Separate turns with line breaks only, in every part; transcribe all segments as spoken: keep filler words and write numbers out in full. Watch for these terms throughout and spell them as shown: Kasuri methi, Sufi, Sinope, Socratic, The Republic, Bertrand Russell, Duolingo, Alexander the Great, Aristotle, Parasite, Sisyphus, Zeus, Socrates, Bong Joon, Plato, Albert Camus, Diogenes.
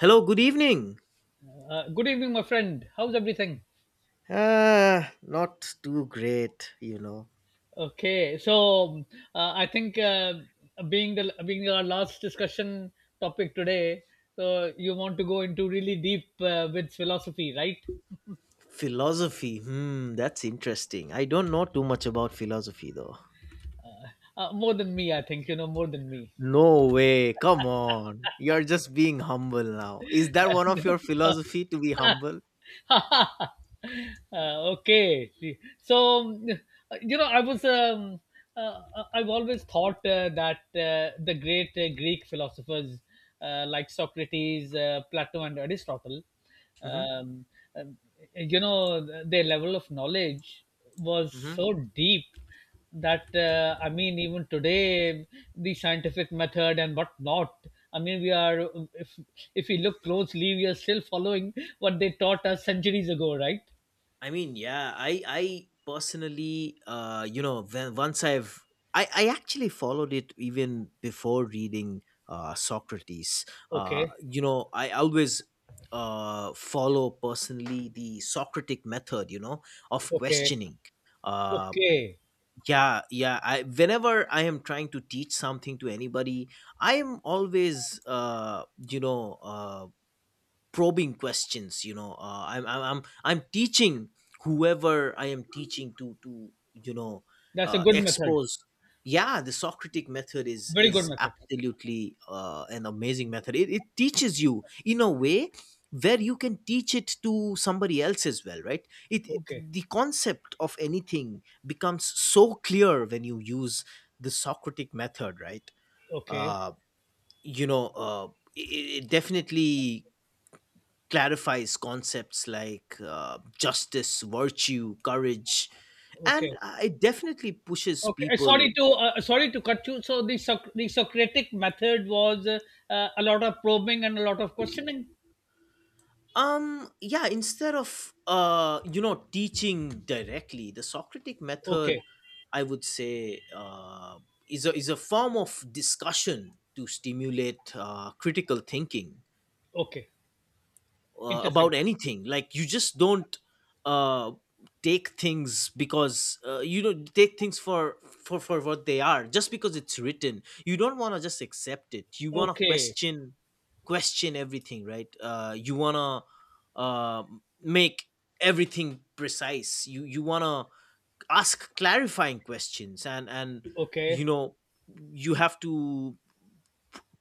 Hello, good evening.
Uh, good evening, my friend. How's everything?
Uh, not too great, you know.
Okay, so uh, I think, uh, being the being our last discussion topic today, so you want to go into really deep uh, with philosophy, right?
Philosophy, hmm, that's interesting. I don't know too much about philosophy though.
Uh, more than me, I think. You know more than me.
No way, come on. You're just being humble now. Is that one of your philosophy to be humble?
Uh, okay. See, so um, you know, I was um, uh, uh, I've always thought uh, that uh, the great uh, Greek philosophers, uh, like Socrates, uh, Plato, and Aristotle,
Mm-hmm.
um, um, you know, their level of knowledge was
Mm-hmm.
so deep that, uh, I mean, even today the scientific method and what not, I mean, we are, if if we look closely, we are still following what they taught us centuries ago, right?
I mean, yeah, I I personally, uh, you know, when, once I've I I actually followed it even before reading uh, Socrates. Uh,
Okay,
you know, I always uh follow personally the Socratic method. You know, of
okay,
questioning. Uh,
okay.
yeah, yeah. I whenever I am trying to teach something to anybody, I am always uh, you know, uh probing questions you know uh, I'm, I'm i'm i'm teaching whoever I am teaching to to you know
That's a
uh,
good method.
expose. Yeah, the Socratic method is
Very good
is
method.
absolutely uh, an amazing method. It, it teaches you in a way where you can teach it to somebody else as well, right it,
Okay,
it the concept of anything becomes so clear when you use the Socratic method, right?
okay,
uh you know uh it, it definitely clarifies concepts like uh, justice, virtue, courage,
okay,
and
okay.
uh, it definitely pushes
Uh,
people.
sorry to uh, uh, sorry to cut you. So the Soc- the Socratic method was uh, uh, a lot of probing and a lot of questioning.
Um, yeah, instead of uh, you know teaching directly, the Socratic method,
Okay,
I would say, uh, is a is a form of discussion to stimulate uh, critical thinking
okay.
uh,
Interesting.
about anything. Like, you just don't uh take things, because uh, you don't take things for for for what they are just because it's written. You don't want to just accept it, you want to
Okay,
question, question everything, right? Uh you want to uh make everything precise. You you want to ask clarifying questions, and and
okay.
you know you have to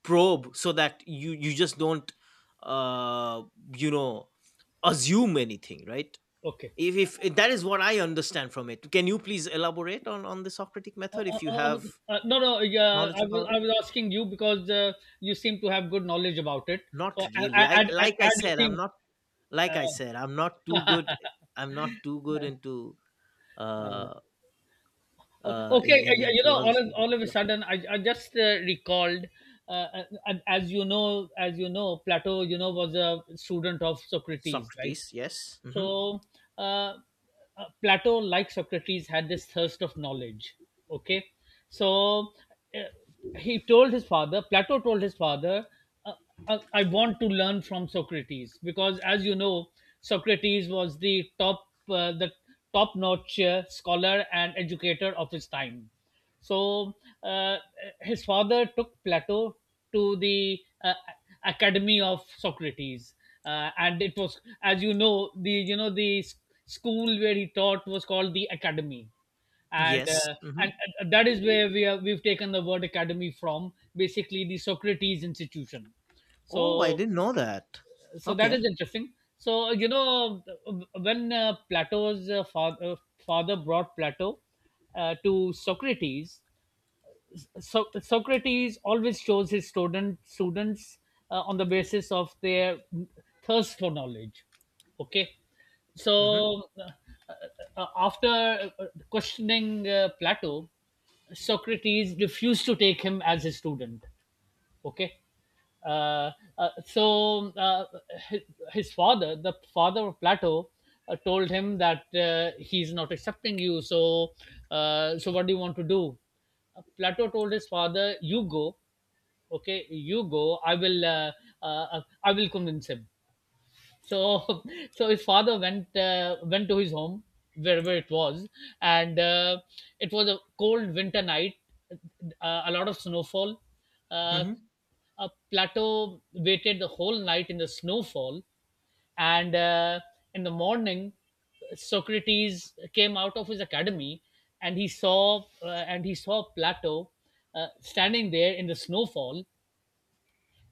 probe so that you you just don't uh you know assume anything, right?
Okay.
If, if that is what I understand from it, can you please elaborate on on the Socratic
Uh,
method
uh,
if you
uh, uh,
have
uh, no, no. Yeah, I
knowledge
was
about
I
it?
was asking you because, uh, you seem to have good knowledge about it.
Not
So I,
really.
I, I,
I
I,
Like I
I you
said, i'm
seem.
not like i
Uh,
said I'm not too good i'm not too good into uh
uh,
uh in
okay,
in,
uh,
in
you know, all of
philosophy, but
all of a
yeah.
sudden, I, I just uh, recalled. Uh, uh, as you know, as you know, Plato, you know, was a student of Socrates, right?
Socrates, yes. Hmm.
So, uh, uh, Plato, like Socrates, had this thirst of knowledge. Okay, so, uh, he told his father Plato told his father, uh, I, I want to learn from Socrates because, as you know, Socrates was the top, uh, the top notch uh, scholar and educator of his time. So uh, his father took Plato to the uh, Academy of Socrates, uh, and it was, as you know, the you know the s- school where he taught was called the Academy, and
Yes.
uh,
Hmm.
and uh, that is where we are we've taken the word Academy from, basically the Socrates institution.
Oh, I
So
didn't know that.
so that
Okay.
is interesting. So you know, when uh, Plato's uh, father father brought Plato uh, to Socrates, so- Socrates always chose his student students uh, on the basis of their thirst for knowledge. Okay,
Hmm.
so uh, uh, after uh, questioning uh, Plato, Socrates refused to take him as his student. Okay, uh, uh, so uh, his, his father, the father of Plato, uh, told him that, uh, he's not accepting you. So uh, so what do you want to do? uh, Plato told his father, you go. Okay, you go, I will uh, uh, uh, I will convince him. So, so his father went uh, went to his home, wherever it was, and uh, it was a cold winter night, uh, a lot of snowfall. Uh,
Hmm.
a plateau waited the whole night in the snowfall, and uh, in the morning, Socrates came out of his academy, and he saw uh, and he saw Plato uh, standing there in the snowfall,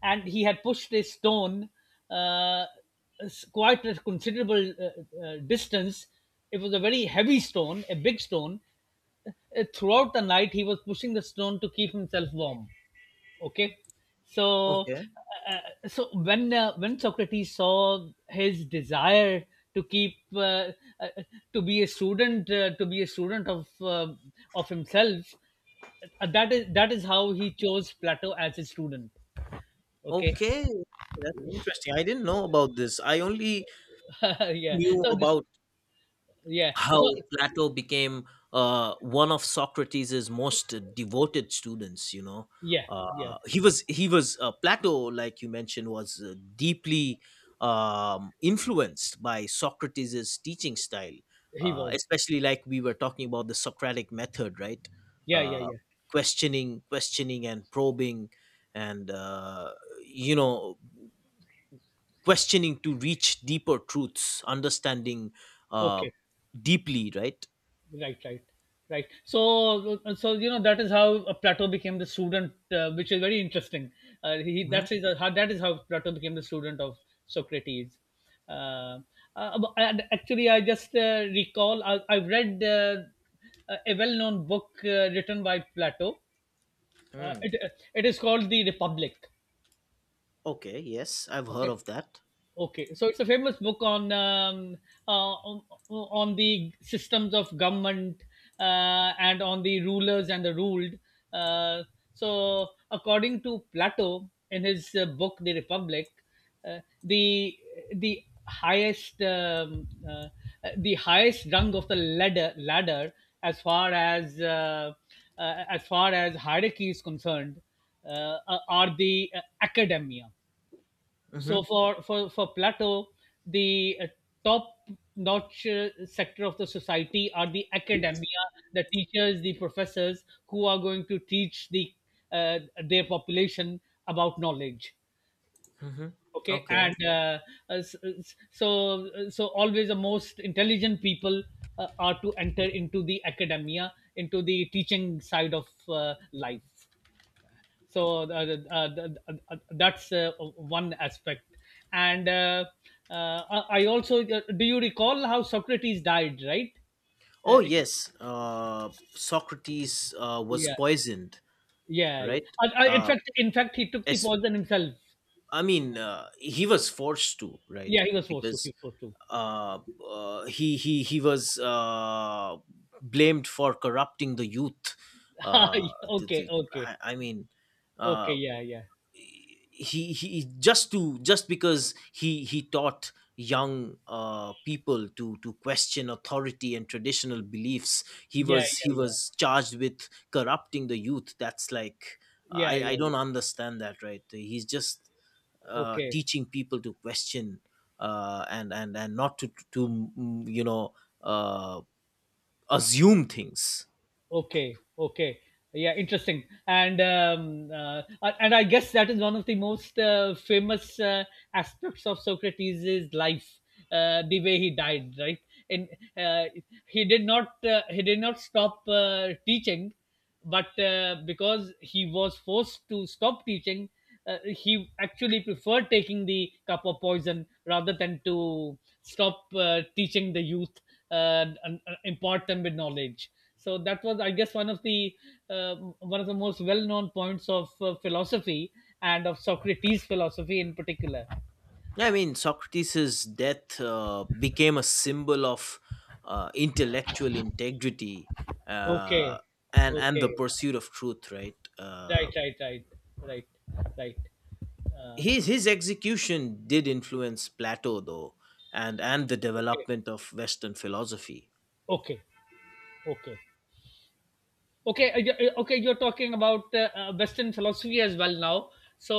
and he had pushed a stone uh, quite a considerable uh, uh, distance. It was a very heavy stone, a big stone. Uh, throughout the night, he was pushing the stone to keep himself warm. Okay, so
Okay.
uh, uh, so when uh, when Socrates saw his desire to keep uh, uh, to be a student uh, to be a student of uh, of himself, uh, that is that is how he chose Plato as his student. Okay.
Okay, that's interesting. I didn't know about this. I only
Yeah.
knew
So this.
about
Yeah.
how
So
Plato became uh, one of Socrates' most devoted students. You know,
yeah, yeah,
uh, he was he was uh, Plato, like you mentioned, was uh, deeply um, influenced by Socrates' teaching style,
he
uh,
was.
especially like we were talking about the Socratic method, right?
Yeah, yeah,
Uh,
yeah.
Questioning, questioning, and probing, and uh, you know questioning to reach deeper truths, understanding uh
Okay.
deeply, right?
Right, right, right. So, uh, so you know, that is how uh, Plato became the student, uh, which is very interesting. Uh, he
Hmm.
that is uh, how That is how Plato became the student of Socrates. Uh, uh, but- and actually, I just uh, recall I, I've read uh, a a well-known book uh, written by Plato. Uh,
Mm.
it, it is called The Republic.
Okay, yes, I've heard
Okay.
of that.
Okay, so it's a famous book on um, uh, on, on the systems of government uh, and on the rulers and the ruled. Uh, so, according to Plato in his uh, book *The Republic*, uh, the the highest um, uh, the highest rung of the ladder ladder, as far as uh, uh, as far as hierarchy is concerned, uh, are the uh, academia.
Hmm.
So for for for Plato, the uh, top notch uh, sector of the society are the academia, the teachers, the professors who are going to teach the uh, their population about knowledge.
Hmm.
Okay,
Okay.
and uh, uh, so so always the most intelligent people uh, are to enter into the academia, into the teaching side of uh, life. So uh, th- uh, uh, uh, that's uh, one aspect. And uh, uh, I also, uh, do you recall how Socrates died, right? uh,
Oh, yes. uh Socrates uh, was
yeah.
poisoned,
Yeah, yeah.
right?
Uh, uh, in
uh
fact in fact he took the
as
poison himself.
I mean, uh, he was forced to, right?
Yeah, he was forced to he
Because
was forced to.
uh, uh he he he was uh blamed for corrupting the youth. uh the,
Okay, okay,
the,
okay,
I, I mean
okay.
uh
Yeah, yeah,
he he just to just because he he taught young uh, people to to question authority and traditional beliefs, he
yeah,
was he
yeah,
was charged with corrupting the youth. That's like, i
yeah, yeah,
i
yeah, yeah.
don't understand that, right? He's just uh,
Okay.
teaching people to question, uh, and and and not to to mm, you know uh, assume things.
Okay, okay. Yeah, interesting. And um, uh, a- and I guess that is one of the most uh, famous uh, aspects of Socrates' life, uh, the way he died, right? And uh, he did not uh, he did not stop uh, teaching, but uh, because he was forced to stop teaching, uh, he actually preferred taking the cup of poison rather than to stop uh, teaching the youth, uh, and and impart them with knowledge. So that was, I guess, one of the uh, one of the most well known points of uh, philosophy, and of Socrates' philosophy in particular.
Yeah, I mean, Socrates' death uh, became a symbol of uh, intellectual integrity
Okay,
uh, and and the
okay.
pursuit of truth, right? Uh,
Right, right, right, right, right. uh,
his his execution did influence Plato, though, and and the
okay,
development of Western philosophy.
okay, okay. Okay, uh, y- uh, okay, you're talking about uh, uh, Western philosophy as well now. So,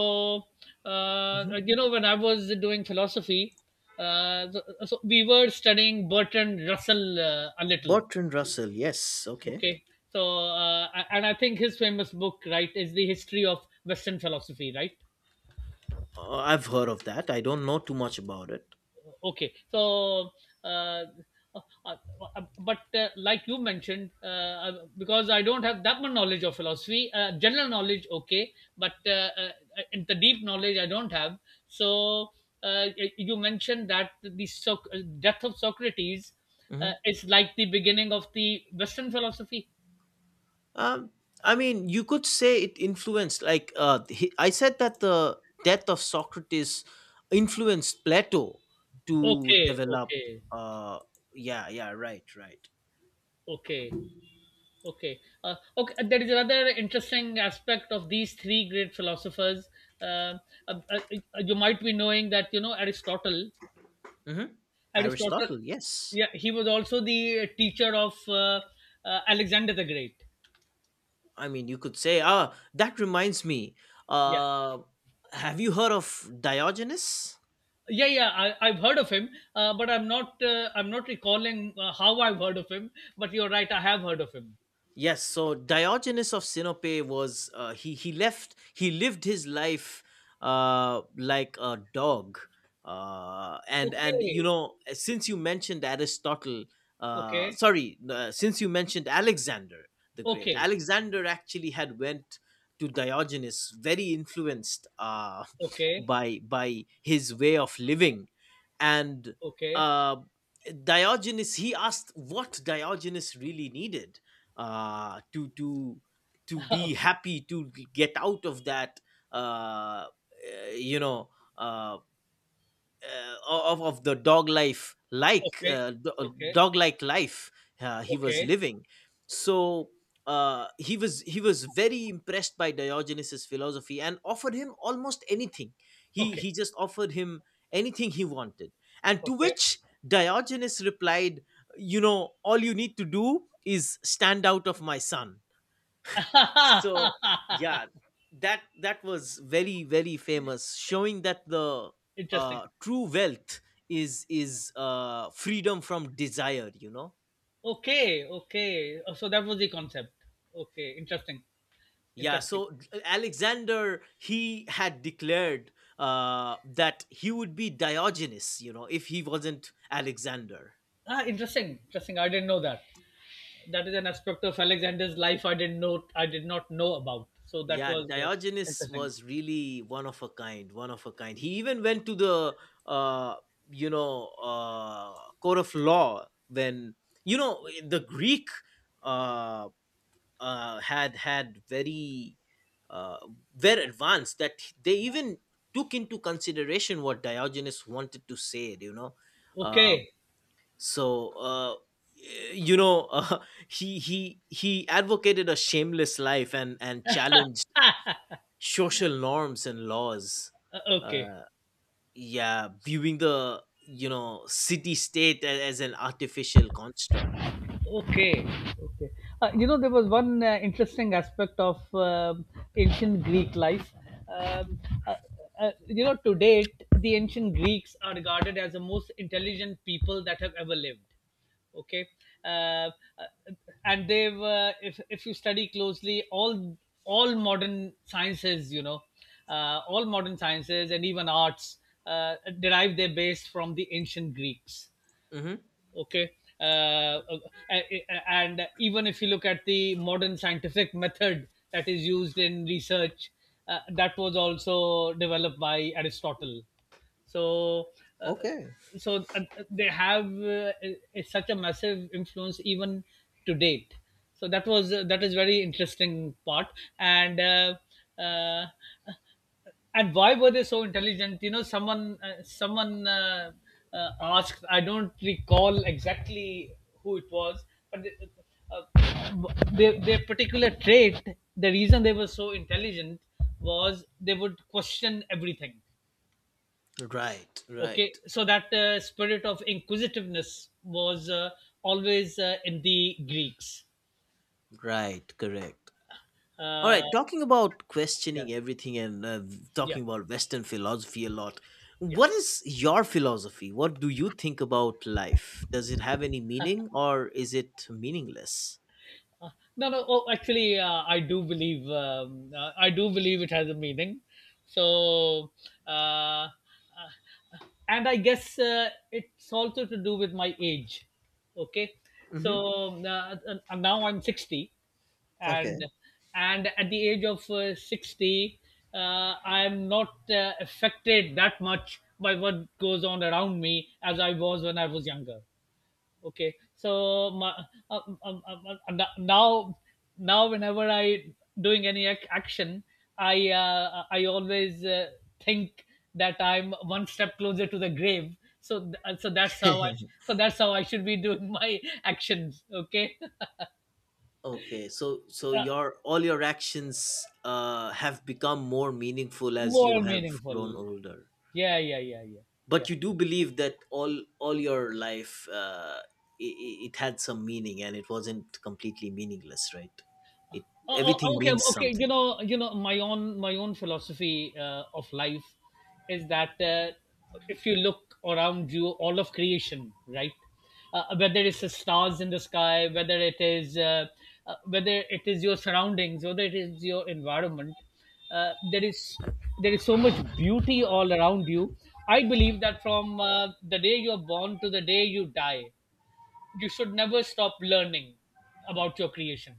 uh,
Mhm.
you know, when I was doing philosophy, uh, so, uh, so we were studying Bertrand Russell uh, a little.
Bertrand Russell, yes, okay.
Okay, so, uh, and I think his famous book, right, is the history of Western philosophy, right?
Uh, I've heard of that. I don't know too much about it.
Okay, so uh, uh, uh, but uh, like you mentioned, uh, uh, because I don't have that much knowledge of philosophy, uh, general knowledge, okay, but uh, uh, in the deep knowledge I don't have. So uh, y- you mentioned that the Soc- uh, death of Socrates
Hmm.
uh, is like the beginning of the Western philosophy.
Um, I mean, you could say it influenced. Like, uh, he, I said, that the death of Socrates influenced Plato to
Okay,
develop.
okay,
Uh, yeah, yeah, right, right.
okay. Okay. Uh, okay. uh, There is another interesting aspect of these three great philosophers. Uh, uh, uh, uh, you might be knowing that, you know, Aristotle.
Hmm.
Aristotle,
Aristotle, yes.
yeah, he was also the teacher of uh, uh, Alexander the Great.
I mean, you could say. Ah, that reminds me.
Yeah,
Uh, have you heard of Diogenes?
yeah, yeah. I, I've heard of him, uh, but I'm not. Uh, I'm not recalling uh, how I've heard of him. But you're right. I have heard of him.
Yes, so Diogenes of Sinope was uh, he he left he lived his life, uh, like a dog, uh, and and you
Okay.
know since you mentioned Aristotle, uh,
Okay.
sorry, uh, since you mentioned Alexander the Great,
Okay.
Alexander actually had went to Diogenes, very influenced, uh,
Okay.
by by his way of living, and
Okay.
uh, Diogenes, he asked what Diogenes really needed, uh, to to to be happy, to get out of that uh, uh, you know uh, uh, of of the dog life like
Okay.
uh,
Okay.
dog like life uh, he was
Okay.
living. So uh, he was he was very impressed by Diogenes' philosophy and offered him almost anything. He
Okay.
he just offered him anything he wanted, and to
Okay.
which Diogenes replied, you know all you need to do is stand out of my sun. So yeah, that that was very very famous, showing that the
Interesting.
uh true wealth is is uh freedom from desire you know
Okay. Okay. Oh. So that was the concept. Okay. Interesting.
Yeah,
Interesting.
so Alexander, he had declared uh that he would be Diogenes, you know, if he wasn't Alexander.
Ah, interesting. Interesting. I didn't know that. That is an aspect of Alexander's life I didn't know. I did not know about. So that
Yeah,
was, uh,
Diogenes
interesting.
was really one of a kind, one of a kind. He even went to the uh you know uh court of law, when you know eh, the Greek uh uh had had very uh very advanced, that they even took into consideration what Diogenes wanted to say, you know. Uh
Okay.
so uh eh, you know uh, he he he advocated a shameless life and and challenged social norms and laws,
Uh, okay.
uh, yeah, viewing the you know city state as an artificial construct.
Okay, okay. Uh, you know, there was one uh, interesting aspect of um ancient Greek life. Um, uh, uh, you know, to date, the ancient Greeks are regarded as the most intelligent people that have ever lived. Okay, uh, uh, and they've, uh, if if you study closely, all all modern sciences, you know, uh, all modern sciences and even arts uh, derive their base from the ancient Greeks.
Hmm.
Okay, uh, uh, uh, uh, and even if you look at the modern scientific method that is used in research, uh, that was also developed by Aristotle. So uh,
Okay.
so uh, they have uh, uh, such a massive influence even to date. So that was uh, that is very interesting part. And uh, uh, and why were they so intelligent? You know, someone uh, someone uh, uh, asked, I don't recall exactly who it was, but they, uh, their, their particular trait, the reason they were so intelligent, was they would question everything.
Right,
Okay,
right,
so that uh, spirit of inquisitiveness was uh, always uh, in the Greeks.
right, correct. All
uh,
right, talking about
yeah,
questioning everything and uh,
yeah,
talking about Western philosophy a lot.
yeah.
What is your philosophy? What do you think about life? Does it have any meaning or is it meaningless?
Uh, no, no. Oh, actually, uh, I do believe um, uh, I do believe it has a meaning. So, uh, uh, and I guess uh, it's also to do with my age. Okay,
Mm-hmm.
so uh, uh, now I'm sixty, and
Okay.
and at the age of uh, sixty, uh, I'm not uh, affected that much by what goes on around me as I was when I was younger. Okay, so my, um, um, um, um, no- now, now whenever I, doing any ac- action, I uh, I always uh, think that I'm one step closer to the grave. So th- uh, so that's how I so that's how I should be doing my actions. Okay,
Okay, so so
uh,
your all your actions uh, have become more meaningful as you
more
have grown
meaningful.
older.
Yeah, yeah, yeah, yeah,
But
yeah.
you do believe that all all your life, uh, it, it had some meaning and it wasn't completely meaningless, right? It
Oh, oh,
Everything
okay,
means
okay. You
something.
know, you know, my own my own philosophy uh, of life is that, uh, if you look around you, all of creation, right? Uh, whether it's the stars in the sky, whether it is uh, uh, whether it is your surroundings, whether it is your environment. Uh, there is there is so much beauty all around you. I believe that from uh, the day you're born to the day you die, you should never stop learning about your creation.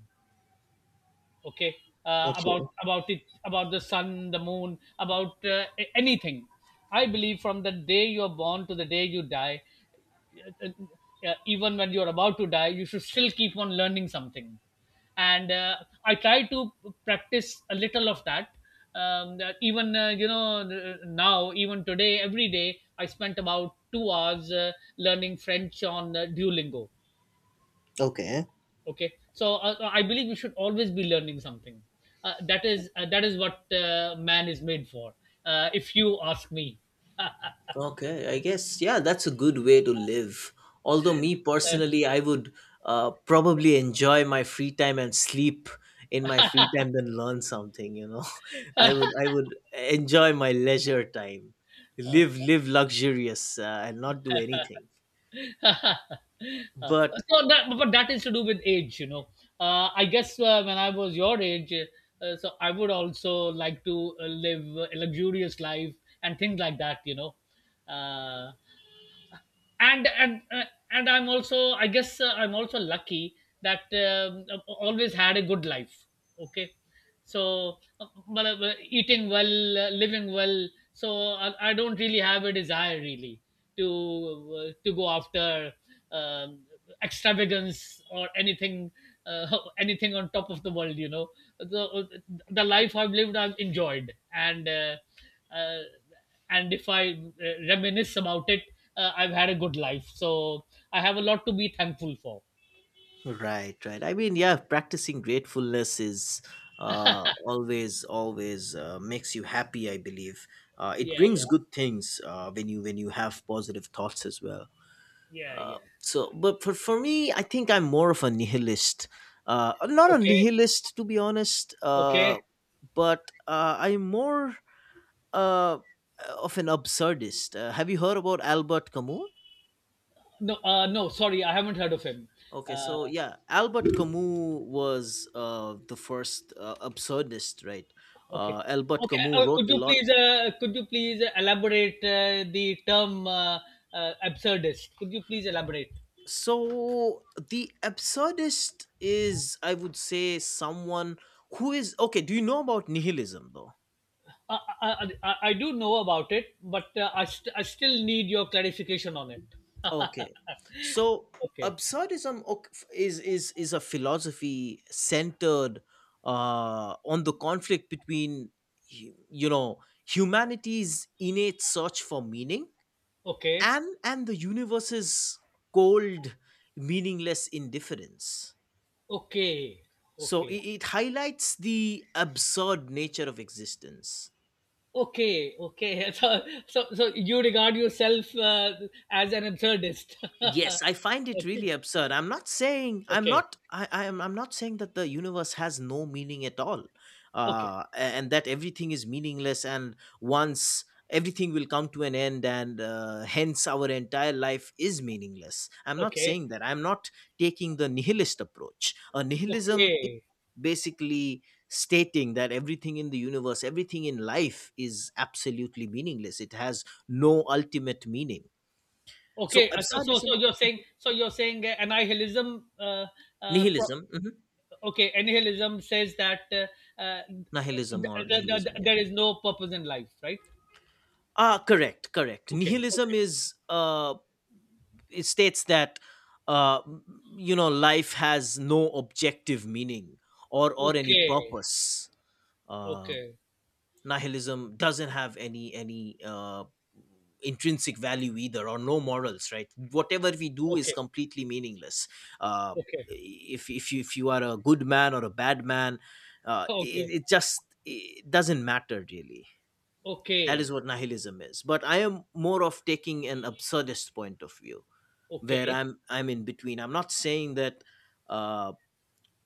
Okay. uh, about
Okay.
about it about the sun, the moon, about uh, a- anything. I believe from the day you're born to the day you die, uh, uh, uh, even when you're about to die you should still keep on learning something. And uh, I try to practice a little of that. Um, that even, uh, you know uh, now, even today, every day I spent about two hours uh, learning French on uh, Duolingo.
Okay.
Okay. So, uh, uh, I believe we should always be learning something. Uh, that is, uh, that is what uh, man is made for, uh, if you ask me.
Okay, I guess, yeah, that's a good way to live. Although me personally, I would uh, probably enjoy my free time and sleep in my free time than learn something. You know, I would I would enjoy my leisure time, live live luxurious uh, and not do anything.
Uh,
But
so that, but that is to do with age, you know. Uh, I guess, uh, when I was your age, uh, so I would also like to uh, live a luxurious life and things like that, you know. Uh, and and uh, and I'm also, I guess, uh, I'm also lucky that, um, I've always had a good life. Okay. So, uh, well, uh, eating well, uh, living well. So I, I don't really have a desire, really, to uh, to go after, um, extravagance, or anything, uh, anything on top of the world you know the, the life I've lived I've enjoyed, and uh, uh, and if I uh, reminisce about it, uh, I've had a good life, so I have a lot to be thankful for.
right, right. I mean, yeah, practicing gratefulness is, uh, always always uh, makes you happy, I believe. Uh, it
Yeah,
brings
yeah,
good things uh, when you when you have positive thoughts as well.
yeah,
Uh,
yeah.
so, but for, for me, I think I'm more of a nihilist. Uh, not a
Okay,
nihilist, to be honest,
okay.
uh, but uh, I'm more uh, of an absurdist. Uh, have you heard about Albert Camus?
No, uh, no, sorry, I haven't heard of him.
Okay,
uh,
so yeah, Albert Camus was uh, the first uh, absurdist, right?
okay,
Uh, Albert
okay.
Camus
Uh,
wrote
could
a
you
lot.
please, uh, could you please elaborate, uh, the term, uh, uh, absurdist? Could you please elaborate?
So the absurdist is, I would say, someone who is. Okay, do you know about nihilism, though?
I, I, I I do know about it, but uh, I, st- I still need your clarification on it.
Okay. So
Okay,
absurdism oc- is is is a philosophy centered uh, on the conflict between hu- you know humanity's innate search for meaning
okay,
and and the universe's cold, meaningless indifference.
okay,
So it,
okay.
it highlights the absurd nature of existence.
Okay, okay. So, so, so you regard yourself uh, as an absurdist.
Yes, I find it really
Okay,
absurd. I'm not saying, I'm
okay,
not I I am I'm not saying that the universe has no meaning at all.
okay,
Uh a- and that everything is meaningless and once everything will come to an end and uh, hence our entire life is meaningless. I'm not
okay,
saying that. I'm not taking the nihilist approach. A nihilism is
okay,
basically stating that everything in the universe, everything in life is absolutely meaningless. It has no ultimate meaning. So
okay. Uh, So, so so
absurdism.
you're saying, so you're saying uh, an nihilism. Uh, uh, pro-
Nihilism. Hmm.
okay, nihilism says that, uh, uh,
Nihilism or
th- th- th- th-
nihilism, yeah.
there is no purpose in life, right?
Ah, correct, correct.
Okay,
Nihilism
okay,
is uh, it states that uh, you know life has no objective meaning or or any
okay,
purpose. Uh,
okay,
Nihilism doesn't have any any uh, intrinsic value either, or no morals. Right, whatever we do is
okay,
completely meaningless. Uh,
okay,
if if you if you are a good man or a bad man, uh, it,
okay,
it just it doesn't matter really. That
okay,
is what nihilism is, but I am more of taking an absurdist point of view where
okay,
i'm i'm in between. I'm not saying that uh,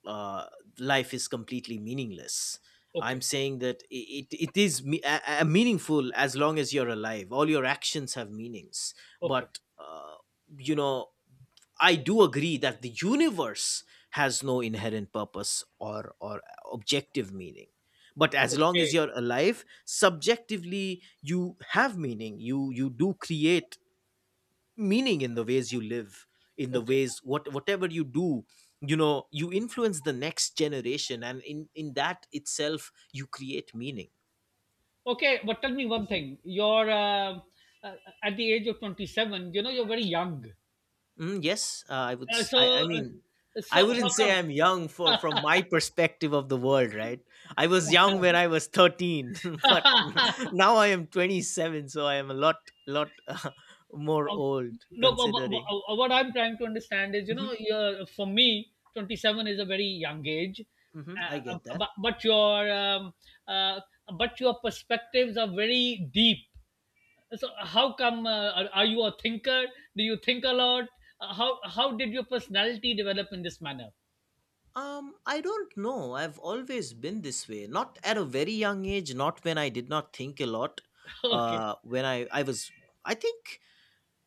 uh, life is completely meaningless. I'm
okay,
saying that i- it, it is me- a- a- meaningful. As long as you're alive, all your actions have meanings.
okay,
But uh, you know I do agree that the universe has no inherent purpose or or objective meaning. But as
okay,
long
okay,
as you're alive, subjectively you have meaning. You you do create meaning in the ways you live, in the
okay.
ways what whatever you do, you know, you influence the next generation, and in in that itself you create meaning.
Okay, but tell me one thing. You're, uh, uh, at the age of twenty-seven, you know, you're very young.
Mm, yes, uh, I would.
Uh,
s- I,
so,
I mean,
uh, so
I wouldn't
how
say
come?
I'm young for from my perspective of the world, right? I was young when I was thirteen, but now I am twenty-seven, so I am a lot, lot uh, more old
no, but, but,
considering.
but uh, what I'm trying to understand is, you
Hmm.
know, you're, for me, twenty-seven is a very young age.
Hmm. I
uh,
get that.
but, but your, um, uh, but your perspectives are very deep. So, how come? Uh, are, are you a thinker? Do you think a lot? Uh, how how did your personality develop in this manner?
Um, I don't know. I've always been this way. Not at a very young age. Not when I did not think a lot.
Okay.
Uh, when I I was, I think,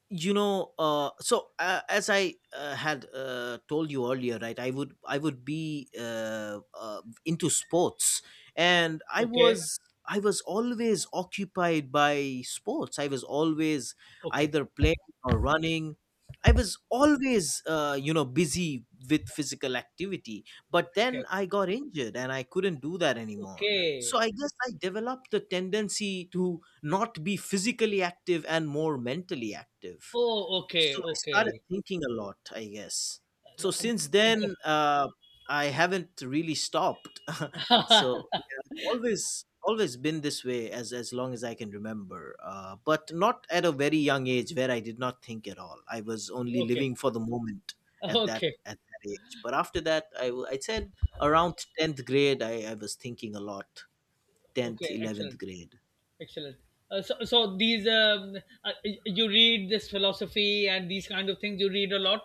you know uh, so uh, as i uh, had uh, told you earlier, right? I would i would be uh, uh, into sports, and i
Okay,
was i was always occupied by sports. I was always
okay,
either playing or running. I was always uh, you know busy with physical activity, but then
okay,
I got injured and I couldn't do that anymore.
okay.
So I guess I developed the tendency to not be physically active and more mentally active.
Oh, okay,
So I started
okay.
thinking a lot, I guess. So
Uh, um,
since then,
Interesting.
uh, I haven't really stopped. So yeah, I've always always been this way as as long as I can remember, uh, but not at a very young age where I did not think at all. I was only
Okay,
living for the moment at that
okay,
at that age. But after that, I w- I said around tenth grade, I, I was thinking a lot. Tenth,
okay.
eleventh
Excellent,
grade.
excellent. Uh, so, so these um, uh, you read this philosophy and these kind of things. You read a lot.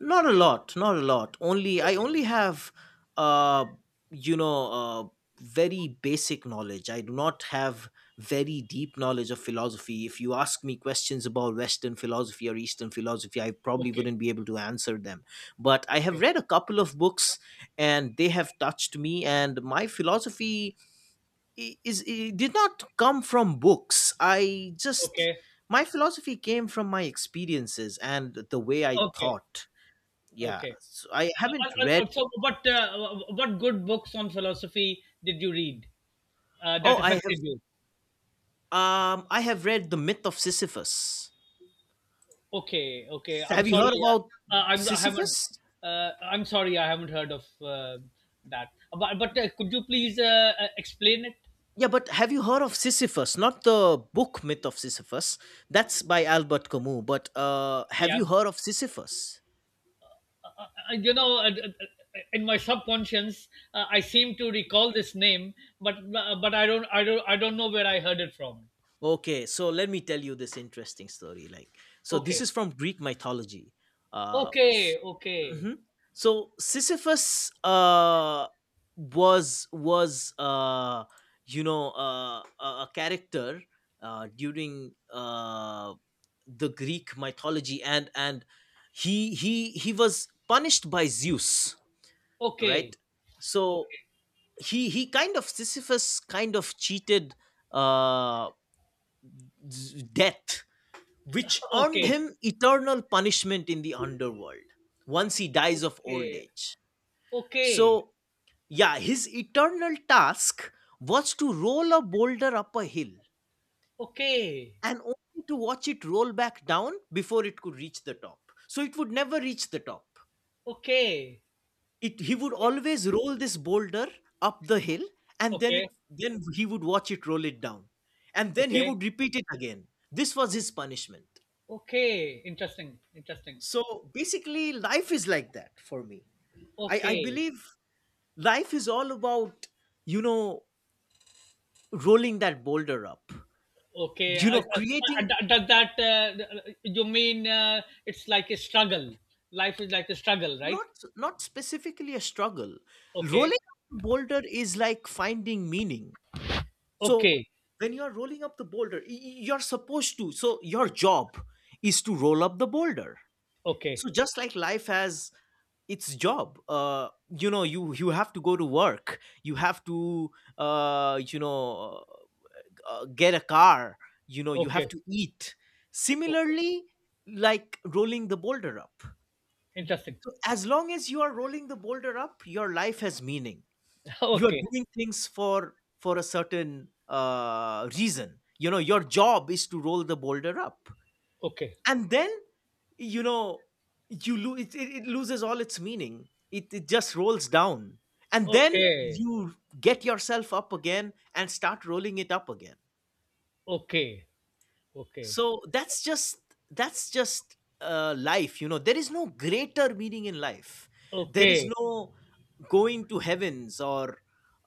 not a lot not a lot only I
Okay,
only have, uh you know uh very basic knowledge. I do not have very deep knowledge of philosophy. If you ask me questions about Western philosophy or Eastern philosophy, I probably
okay,
wouldn't be able to answer them. But I have
okay,
read a couple of books, and they have touched me. And my philosophy, I- is it did not come from books. I just
okay,
My philosophy came from my experiences and the way I
okay,
thought. Yeah,
okay.
so I
Uh, uh,
haven't read.
uh, uh, so, what, uh, what good books on philosophy did you read uh,
Oh,
that
I have.
affected you?
Um i have read The Myth of Sisyphus.
Okay, okay. I'm
Have you
sorry.
heard about
Uh, uh, I'm, I haven't.
Sisyphus?
Uh, I'm sorry. I haven't heard of uh, that. But but uh, could you please uh, uh, explain it?
Yeah, but have you heard of Sisyphus, not the book Myth of Sisyphus? That's by Albert Camus. But uh have
Yeah.
you heard of Sisyphus?
Uh, you know, uh, uh, uh, in my subconscious, uh, I seem to recall this name, but uh, but I don't I don't I don't know where I heard it from.
Okay, so let me tell you this interesting story, like, so this
Okay.
is from Greek mythology. uh
Okay. Okay.
hmm. So Sisyphus, uh, was was, uh, you know uh, a a character, uh, during uh, the Greek mythology, and and he he he was punished by Zeus, right?
Okay.
So
Okay.
he he kind of Sisyphus kind of cheated, uh, z- death, which earned
Okay.
him eternal punishment in the underworld once he dies of old age. So
Okay. Okay.
yeah, his eternal task was to roll a boulder up a hill
Okay.
and only to watch it roll back down before it could reach the top. So it would never reach the top.
Okay.
It He would always roll this boulder up the hill, and
Okay.
then
Okay.
it then he would watch it roll it down. And then he
Okay.
would repeat it again. This was his punishment.
Okay, interesting, interesting.
So basically life is like that for me. I, I
Okay,
believe life is all about, you know, rolling that boulder up,
okay.
you
I,
know
I, I-
creating
d- does that, uh, you mean, uh, it's like a struggle? Life is like a struggle, right?
not not specifically a struggle.
Okay,
Rolling up the boulder is like finding meaning, so
okay,
when you are rolling up the boulder, y- y- you're supposed to, so your job is to roll up the boulder.
okay,
So just like life has its job, uh you know you you have to go to work, you have to, uh you know uh, get a car, you know you have
okay,
to eat,
okay.
similarly, like rolling the boulder up.
Interesting.
So as long as you are rolling the boulder up, your life has meaning. You are
Okay,
doing things for for a certain uh, reason. You know, your job is to roll the boulder up,
okay,
and then, you know you lose it. It, it loses all its meaning. It it just rolls down, and then
okay,
you get yourself up again and start rolling it up again.
okay, okay,
So that's just that's just uh, life. You know, there is no greater meaning in life. There is
okay,
no going to heavens, or,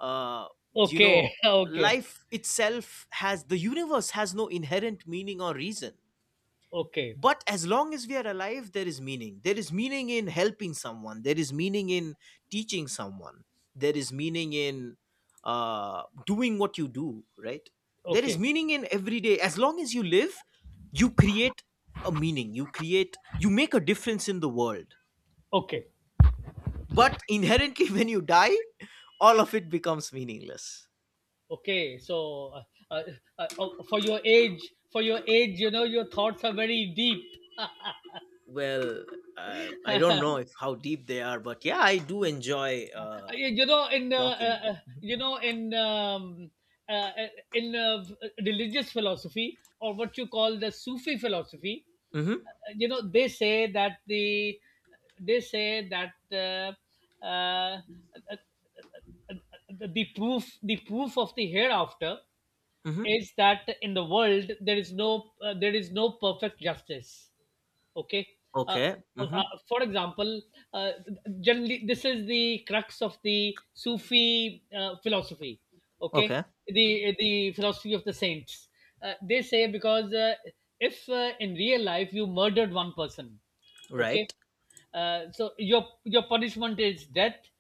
uh, you know
okay, okay,
life itself has the universe has no inherent meaning or reason.
okay,
But as long as we are alive, there is meaning. There is meaning in helping someone. There is meaning in teaching someone. There is meaning in, uh, doing what you do, right? There is
okay,
meaning in every day. As long as you live, you create a meaning. You create you make a difference in the world.
okay.
But inherently, when you die, all of it becomes meaningless.
Okay, so, uh, uh, uh, uh, for your age, for your age, you know, your thoughts are very deep.
Well, uh, I don't know if how deep they are, but yeah, I do enjoy, uh,
You know, in uh,
talking.
uh, uh, you know in um, uh, uh, in uh, religious philosophy, or what you call the Sufi philosophy.
Mm-hmm.
Uh, you know, they say that the they say that uh, uh, uh, uh, the the proof the proof of the hereafter
Mm-hmm.
is that in the world there is no, uh, there is no perfect justice. Okay. uh,
Okay.
so,
Mm-hmm.
uh, for example, uh, generally this is the crux of the Sufi uh, philosophy. Okay.
Okay.
The the philosophy of the saints. Uh, they say, because uh, if, uh, in real life you murdered one person. Okay.
Right.
Uh, so your your punishment is death.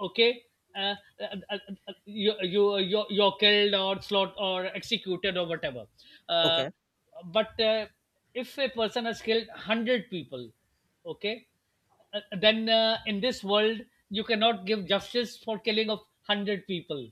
Okay. uh, uh, uh, uh, you you you're, you're killed, or slot, or executed, or whatever. Uh,
Okay.
but uh, if a person has killed one hundred people. Okay, uh, then, uh, in this world you cannot give justice for killing of one hundred people.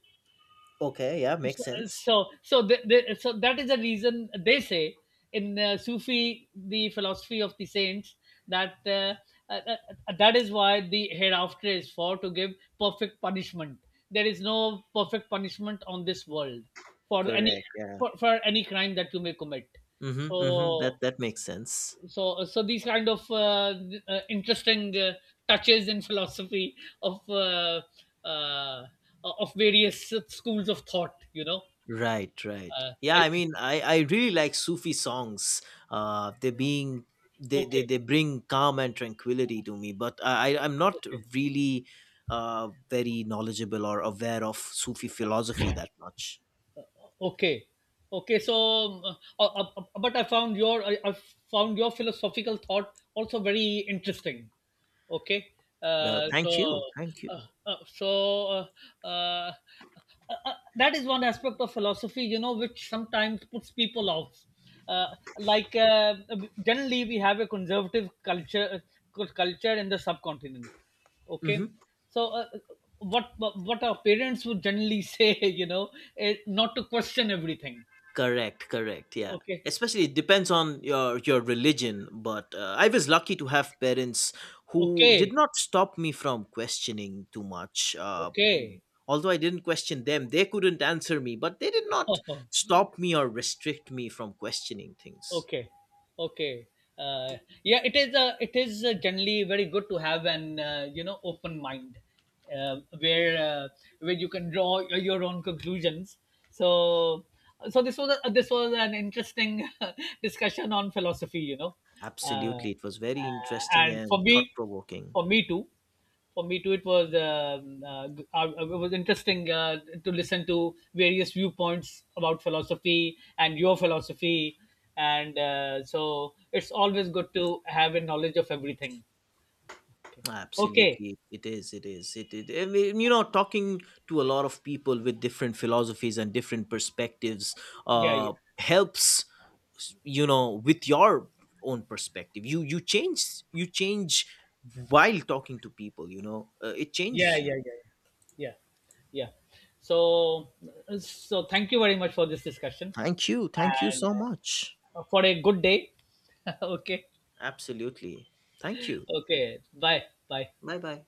Okay. Yeah, makes sense.
So so the, the, so that is the reason they say, in uh, Sufi, the philosophy of the saints, that, uh, uh, uh, uh, that is why the hereafter is for to give perfect punishment. There is no perfect punishment on this world for any
Correct. Yeah.
for, for any crime that you may commit.
Mm-hmm. Mm-hmm.
so
That that makes sense.
so so these kind of, uh, th- uh, interesting, uh, touches in philosophy of, uh, uh, of various schools of thought, you know.
Right, right.
Uh,
Yeah,
I
I mean, I I really like Sufi songs. Uh, they being they they
Okay,
they bring calm and tranquility to me. But I I- I'm not
okay,
really uh very knowledgeable or aware of Sufi philosophy that much.
okay, okay. So, um, uh, uh, uh, but I found your I, I found your philosophical thought also very interesting. Okay,
Well,
uh,
thank
so,
you, thank
uh,
you.
uh, so uh, uh, uh, uh, that is one aspect of philosophy, you know, which sometimes puts people off. Uh, like, uh, generally, we have a conservative culture uh, culture in the subcontinent. Okay.
Hmm.
So, uh, what what our parents would generally say, you know, is not to question everything.
Correct, correct. Yeah.
Okay,
Especially it depends on your your religion, but uh, I was lucky to have parents who did
okay,
not stop me from questioning too much. Uh, mm,
okay,
although I didn't question them, they couldn't answer me, but they did not stop me or restrict me from questioning things.
okay, okay. uh, yeah, it is uh, it is uh, generally very good to have an, uh, you know open mind, uh, where uh, where you can draw your your own conclusions. So so this was a, this was an interesting discussion on philosophy, you know. Uh,
Absolutely. It was very
uh,
interesting
and for
and thought
me,
provoking.
for me too, for me too, it was, um, uh, uh, it was interesting uh, to listen to various viewpoints about philosophy and your philosophy. And uh, so it's always good to have a knowledge of everything. Okay, okay.
Absolutely, it is. It is. It, it. I mean, you know, talking to a lot of people with different philosophies and different perspectives
Yeah, yeah,
uh, helps. You know, with your own perspective, you you change. You change while talking to people. You know, uh, it
yeah,
changes you.
yeah, yeah, yeah, yeah. So so thank you very much for this discussion,
Thank you. Thank you
and
so much.
uh, for a good day. Okay,
Absolutely. Thank you.
okay. Bye bye.
Bye bye.